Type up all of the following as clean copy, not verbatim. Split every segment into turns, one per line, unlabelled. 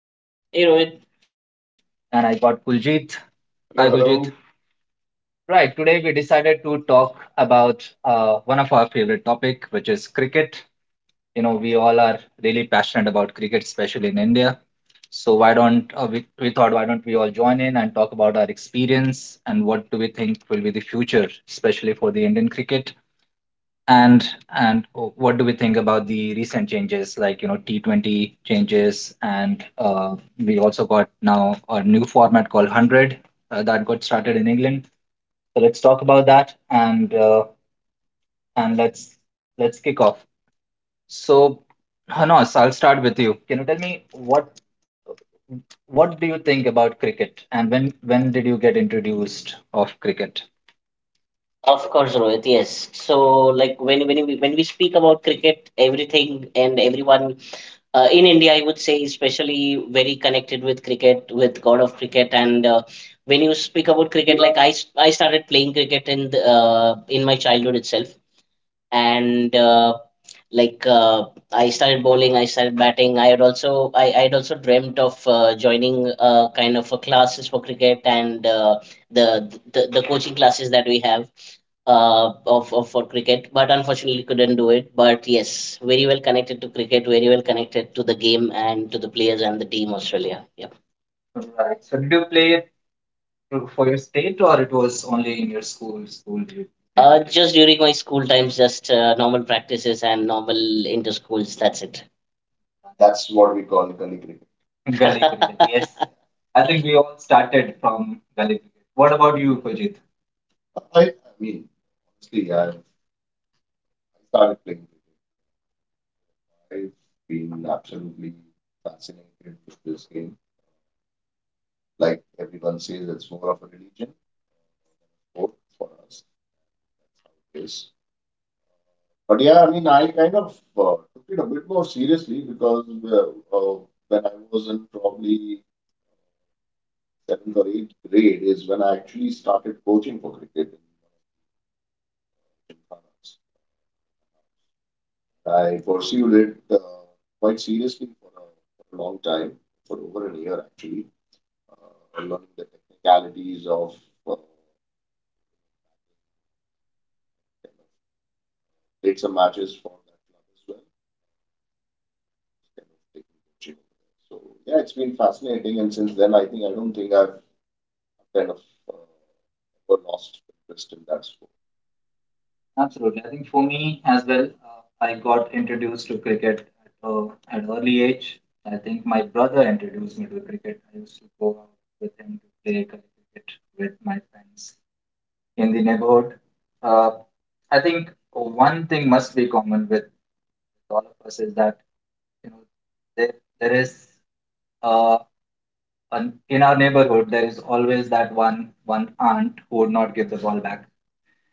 Hey Rohit, of course, Rohit. Yes. So, like when we speak about cricket, everything and everyone in India, I would say, especially very connected with cricket, with God of Cricket. And when you speak about cricket, like I started playing cricket in in my childhood itself. And like I started bowling, I started batting. I had also I had also dreamt of joining kind of a classes for cricket and the coaching classes that we have of, for cricket, but unfortunately couldn't do it. But yes, very well connected to cricket, very well connected to the game and to the players and the team Australia. Yeah. Just during my school times, just normal practices and normal inter schools. That's it.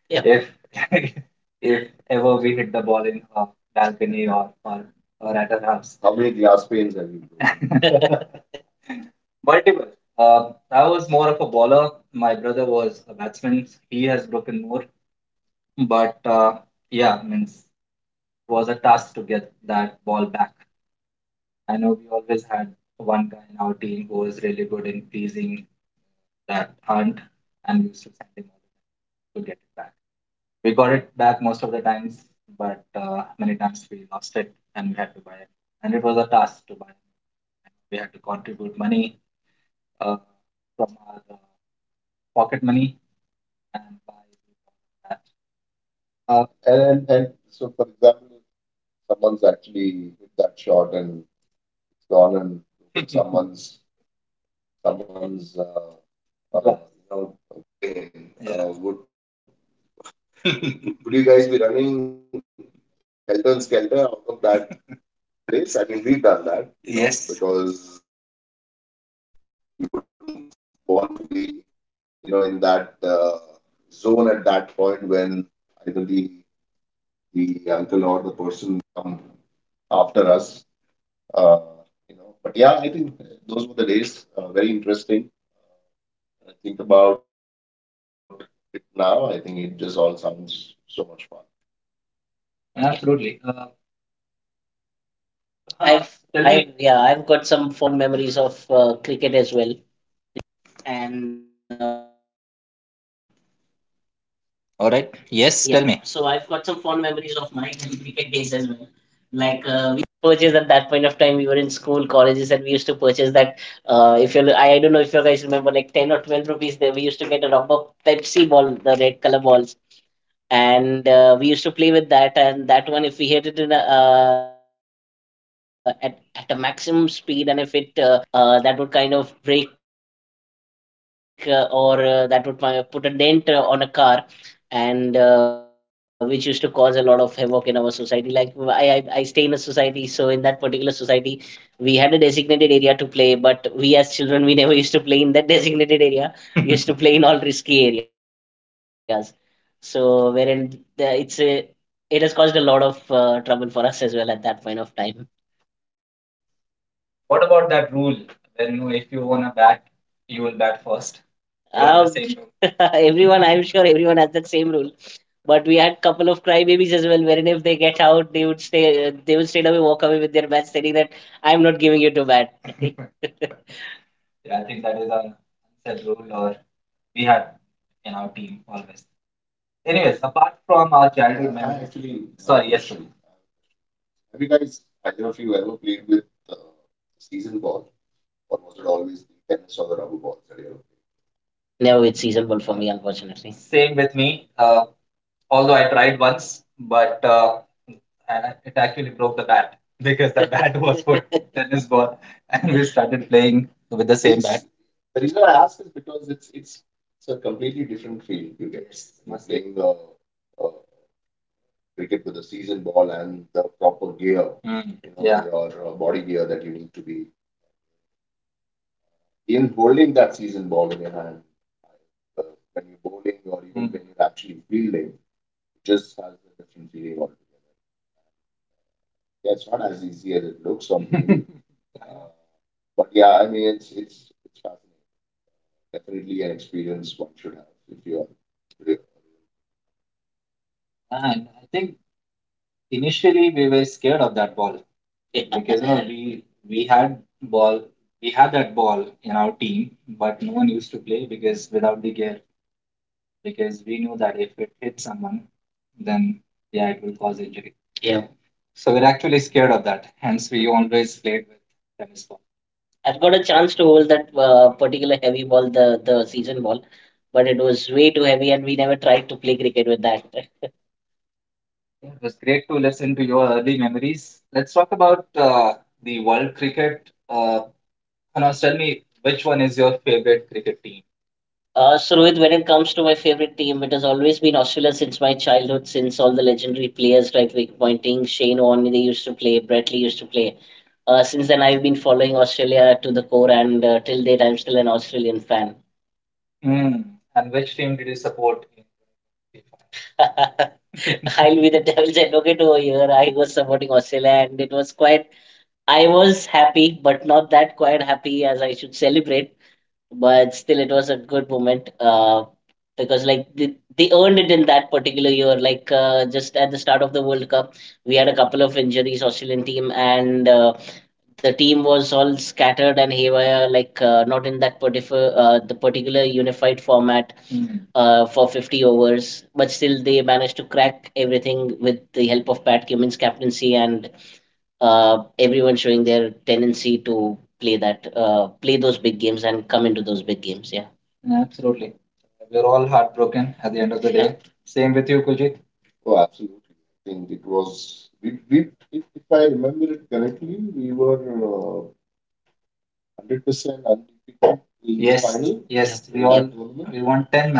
Yeah. Absolutely. I've, tell me. I yeah, I've got some fond memories of cricket as well. To purchase that. If you, I don't know if you guys remember, like 10 or 12 rupees, there we used to get a rubber Pepsi ball, the red color balls and we used to play with that and that one if we hit it in at a maximum speed and if it hit someone in the head or a glass of a car that would kind of break or that would put a dent on a car and which used to cause a lot of havoc in our society. Like I stay in a society, so in that particular society we had a designated area to play, but we as children, we never used to play in that designated area. We used to play in all risky areas, so wherein it's a it has caused a lot of trouble for us as well at that point of time. Rule. Everyone, I'm sure everyone has that same rule. But we had couple of crybabies as well, wherein if they get out, they would stay, they would straight away walk away with their bat, stating that I'm not giving you to bat. Yeah. I've got a chance to hold that particular heavy ball, the season ball, but it was way too heavy, and we never tried to play cricket with that. So Rohit, when it comes to my favorite team, it has always been Australia since my childhood, since all the legendary players, right, Vic Pointing, Shane Warne, they used to play, Brett Lee used to play. Since then, I've been following Australia to the core, and till date, I'm still an Australian fan. I'll be the devil's advocate over here. I was supporting Australia, and it was quite, I was happy, but not that quite happy as I should celebrate. But still, it was a good moment because like they earned it in that particular year. Like just at the start of the World Cup, we had a couple of injuries, Australian team, and the team was all scattered and haywire, like not in that particular the particular unified format for 50 overs, but still they managed to crack everything with the help of Pat Cummins' captaincy and everyone showing their tendency to play that, play those big games and come into those big games. Yeah. Yeah. Yeah.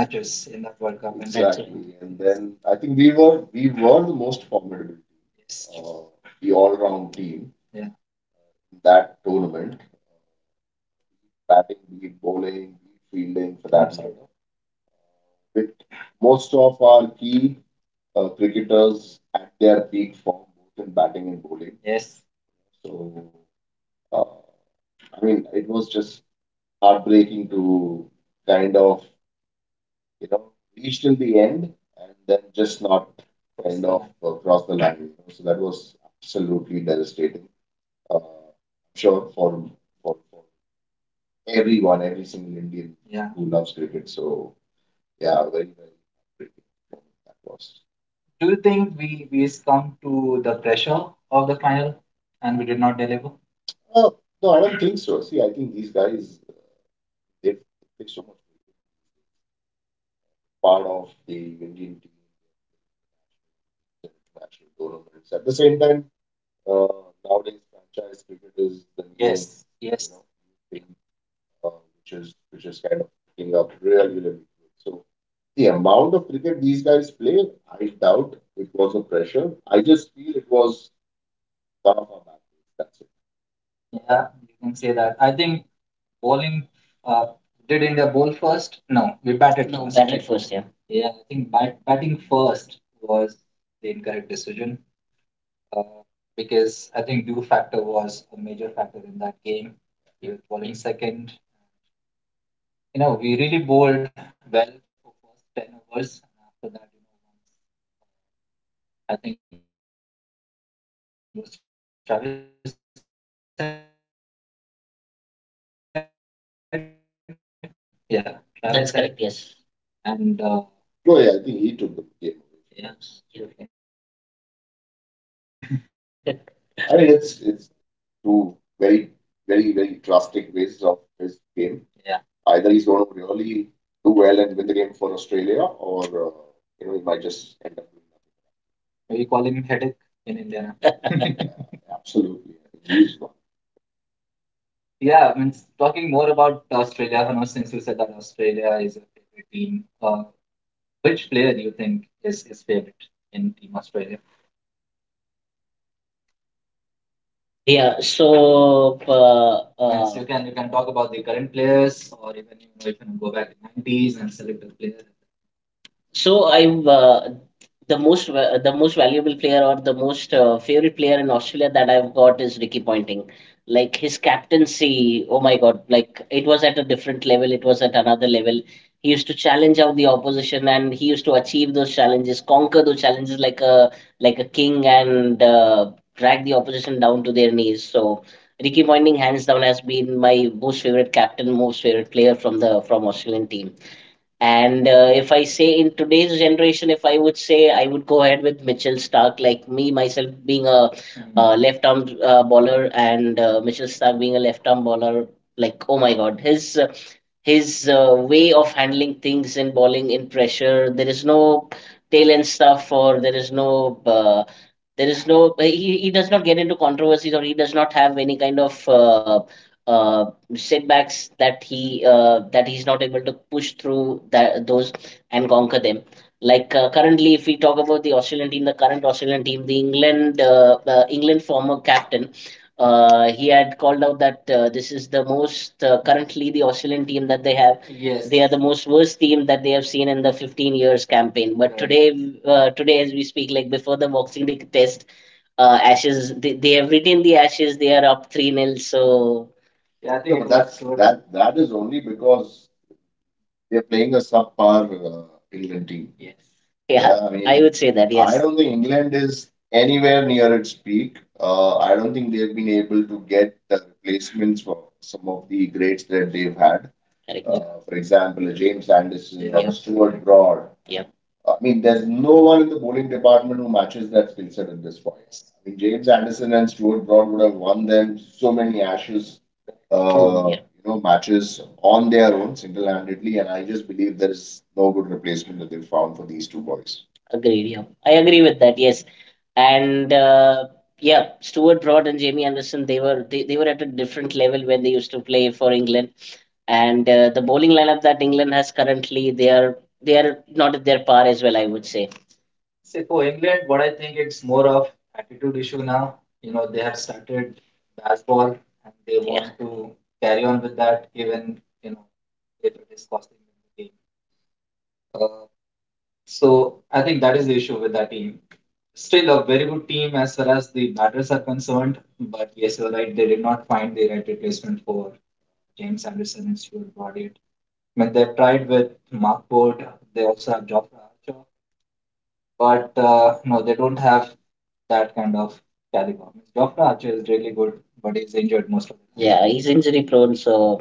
No, batted first. Yeah. That's correct. Yes. Yeah, so so I have the the most valuable player or the most favorite player in Australia that I've got is Ricky Ponting. Like his captaincy, oh my God! Like it was at a different level. It was at another level. He used to challenge out the opposition, and he used to achieve those challenges, conquer those challenges like a king, and drag the opposition down to their knees. So Ricky Ponting, hands down, has been my most favorite captain, most favorite player from the from Australian team. And if I say in today's generation, if I would say, I would go ahead with Mitchell Stark, like me myself being a left arm bowler and Mitchell Stark being a left arm bowler. Like, oh my God, his way of handling things in bowling in pressure. There is no tail end stuff, or there is no he does not get into controversies, or he does not have any kind of uh, setbacks that he that he's not able to push through that those and conquer them. Like currently, if we talk about the Australian team, the current Australian team, the England England former captain he had called out that this is the most currently the Australian team that they have. They are the most worst team that they have seen in the 15 years campaign. But today, today as we speak, like before the Boxing Day test, Ashes they have retained the Ashes. They are up three nil. So yeah, I would say that yes. Yes, correct. Yeah, true. Yeah. Agreed. Yeah. I agree with that. Yes. And yeah, Stuart Broad and Jamie Anderson, they were they were at a different level when they used to play for England. And the bowling lineup that England has currently, they are not at their par as well, I would say. Yeah. Yeah, he's injury prone, so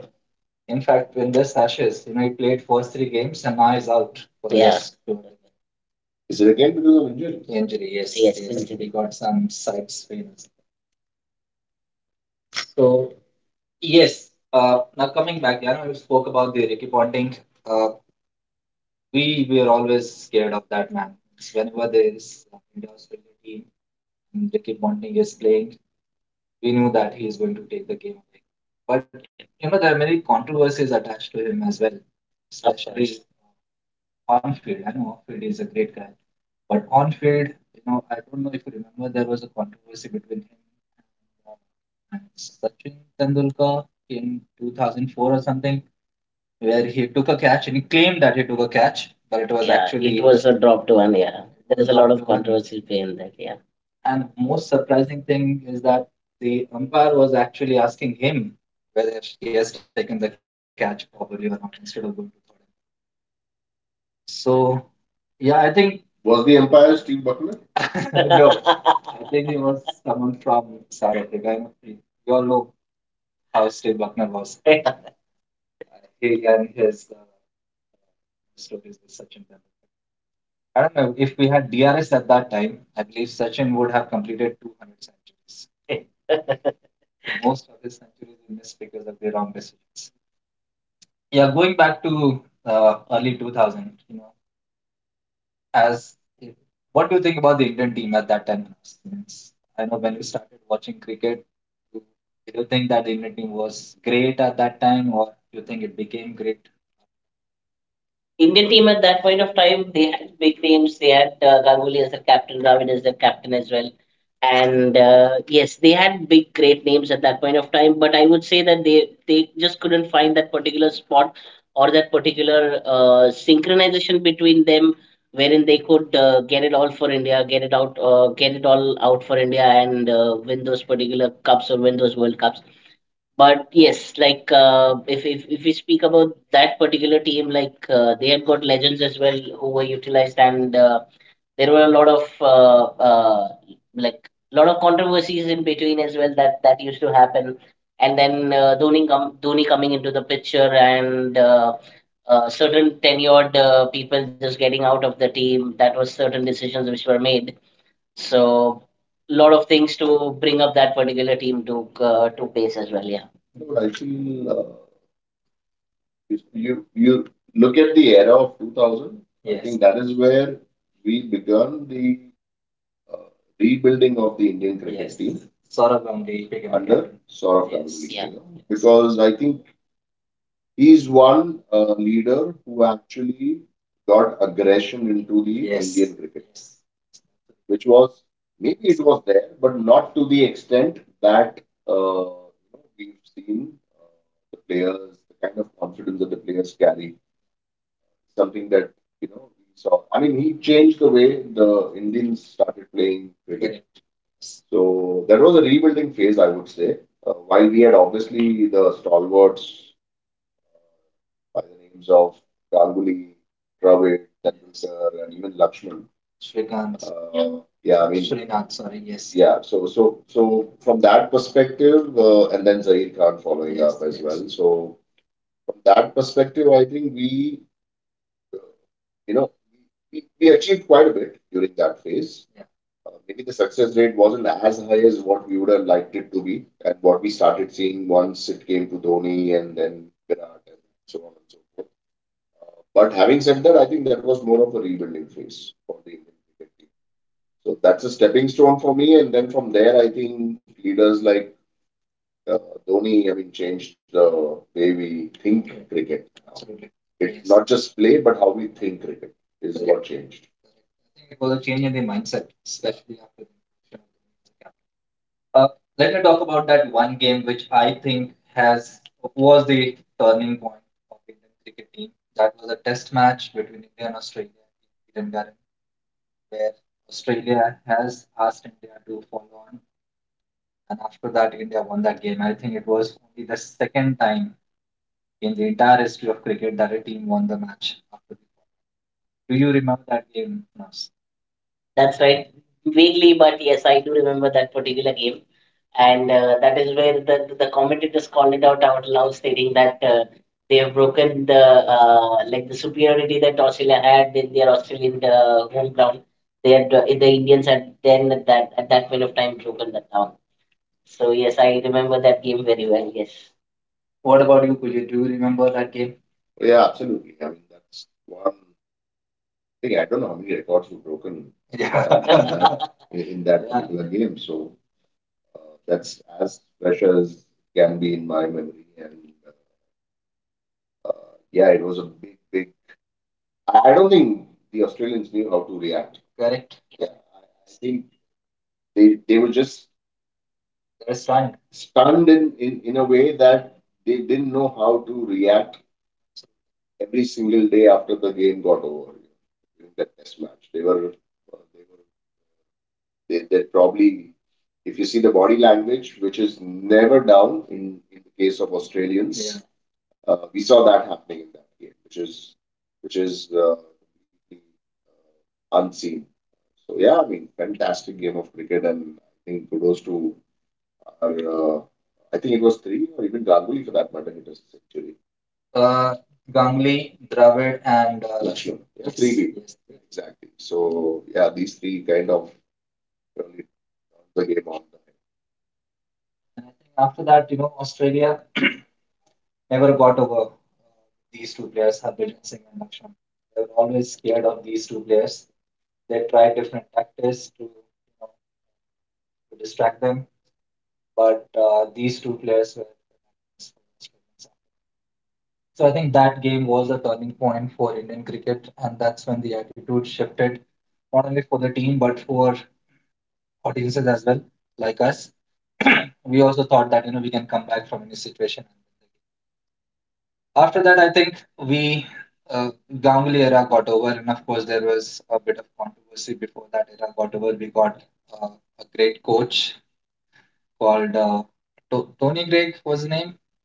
yeah. Yes, injury. Was a dropped one. Yeah, controversy in that. Yeah, Indian team at that point of time, they had big names. They had Ganguly as their captain, Dravid as their captain as well. And yes, they had big, great names at that point of time. But I would say that they just couldn't find that particular spot or that particular synchronization between them wherein they could get it all for India, get it out, get it all out for India and win those particular cups or win those World Cups. But yes, like if we speak about that particular team, like they had got legends as well who were utilized, and there were a lot of like lot of controversies in between as well that used to happen. And then Dhoni coming into the picture, and certain tenured people just getting out of the team. That was certain decisions which were made. So lot of things to bring up that particular team to pace as well. Yeah. Yeah, that's right. Vaguely, but yes, I do remember that particular game. And that is where the commentators called it out out loud, stating that they have broken the like the superiority that Australia had in their Australian home ground. They had the Indians had then at that point of time broken that down. So yes, I remember that game very well. Yes,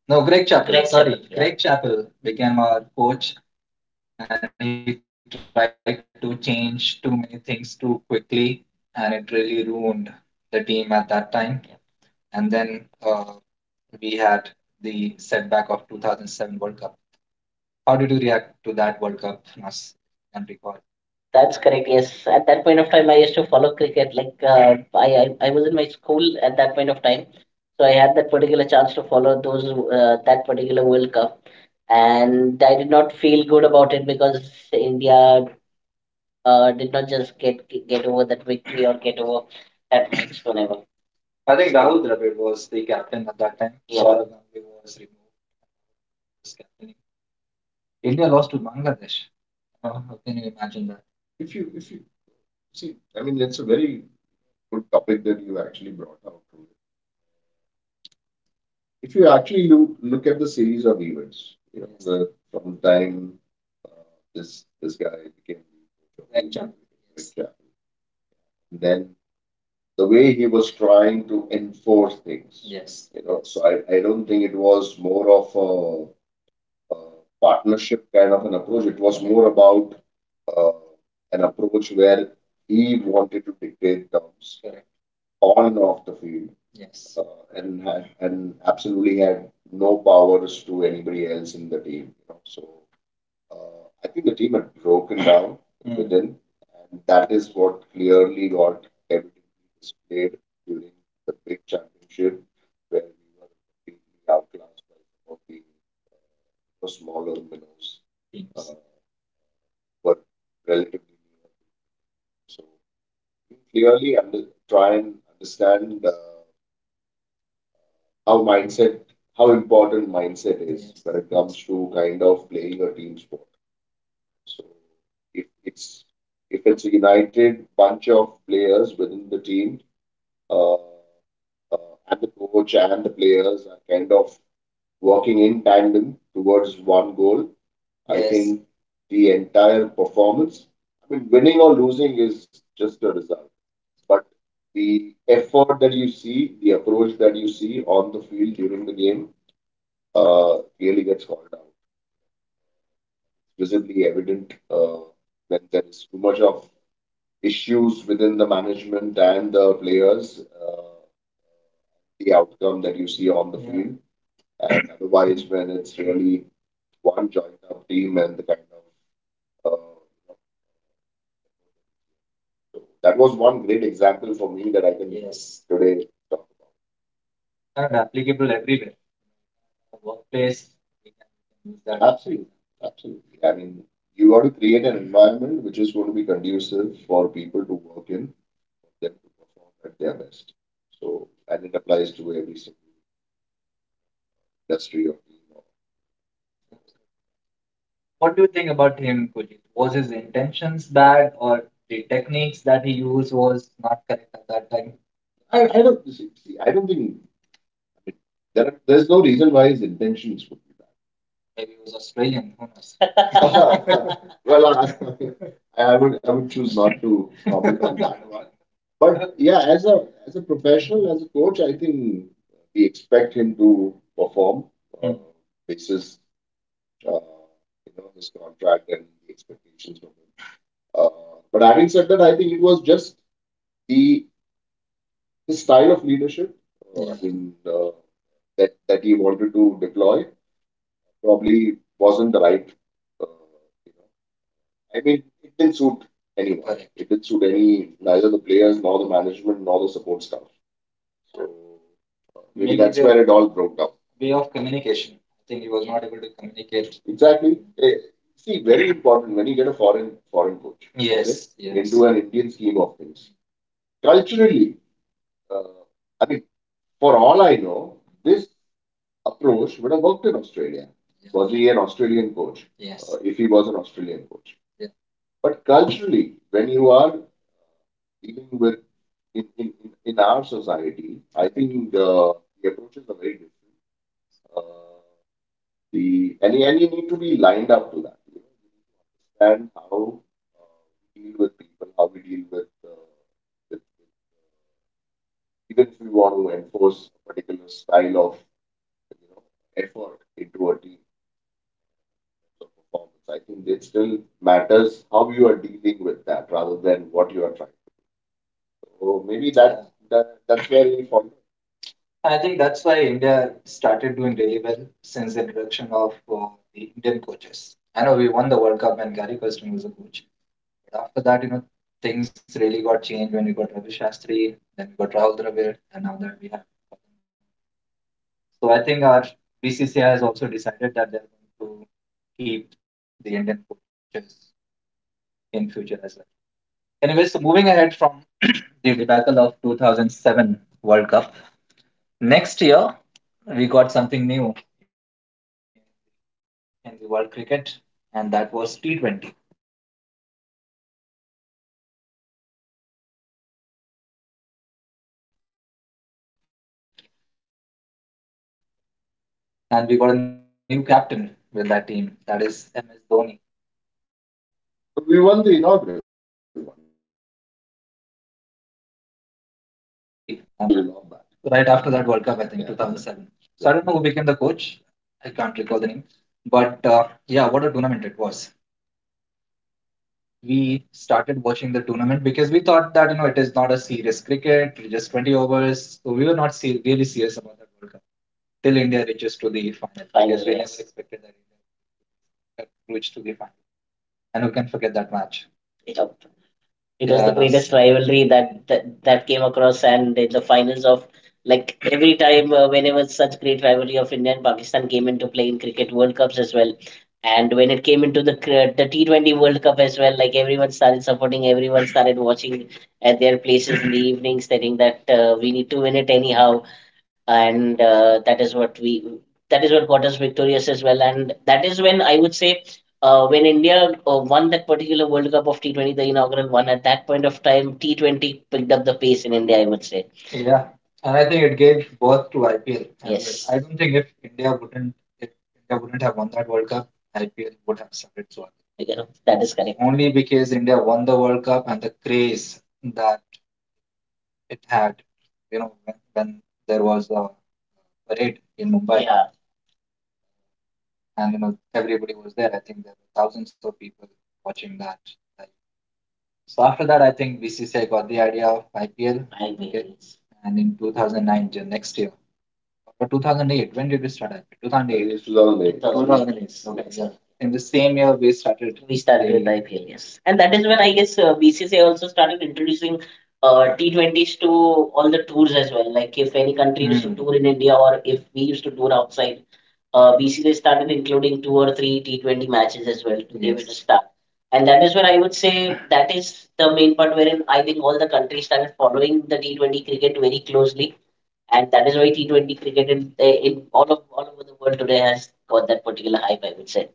Greg Chappell, yeah. That's correct. Yes, at that point of time, I used to follow cricket. Like I was in my school at that point of time, so I had that particular chance to follow those that particular World Cup, and I did not feel good about it because India did not just get over that victory or get over that milestone ever. Yeah. He was out of the team, yeah. That. It was the greatest. Yes. Rivalry that that came across, and in the finals of like every time, whenever such great rivalry of India and Pakistan came into play in cricket World Cups as well, and when it came into the T20 World Cup as well, like everyone started supporting, everyone started watching at their places in the evening, stating that we need to win it anyhow and that is what we that is what got us victorious as well and that is when I would say when India won that particular World Cup of T20, the inaugural one, at that point of time, T20 picked up the pace in India, I would say. Yes. You know, that is correct. Yeah, I agree. We started with IPL, yes. And that is when I guess BCCI also started introducing T20s to all the tours as well. Like if any country mm. used to tour in India or if we used to tour outside, BCCI started including two or three T20 matches as well to yes. Give it a yes. Start. And that is where I would say that is the main part wherein I think all the countries started following the T20 cricket very closely and that is why T20 cricket in, eh, in all of all over the world today has got that particular hype. I would say.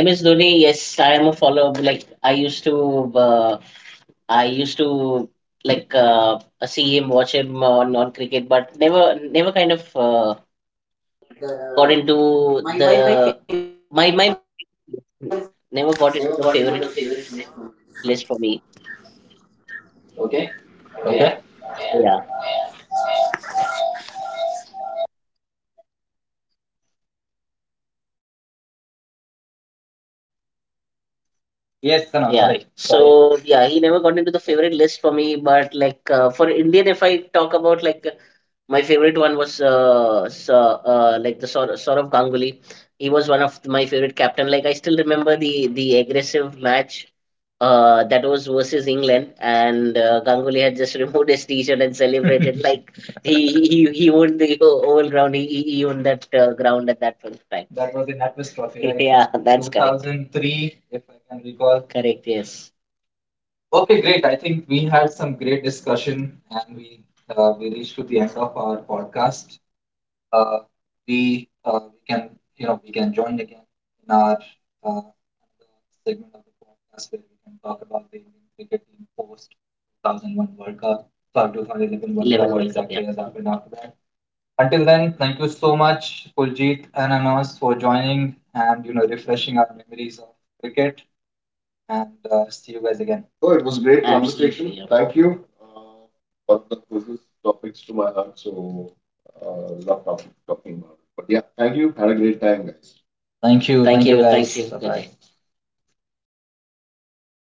MS Dhoni, yes, I am a follower. Like I used to like see him, watch him on cricket, but never, never kind of got
Got
into
into
the
the
my
my
my
my, my favorite list.
never
Never
got
got
into the
into the
favorite
favorite
list
list.
for me.
Okay.
Yeah.
Yeah. Yeah.
Yeah. So yeah, he never got into the favorite list for me. But like for Indian, if I talk about like my favorite one was like the sort Ganguly. He was one of my favorite captain. Like I still remember the aggressive match that was versus England, and Ganguly had just removed his t-shirt and celebrated like he owned the whole ground. He owned that ground at that point of time. Yeah, that's correct. Correct. Yes. 11 whatever 11 World Cup, yeah. Absolutely, yeah. Thank you. Thank you. Bye. Good day.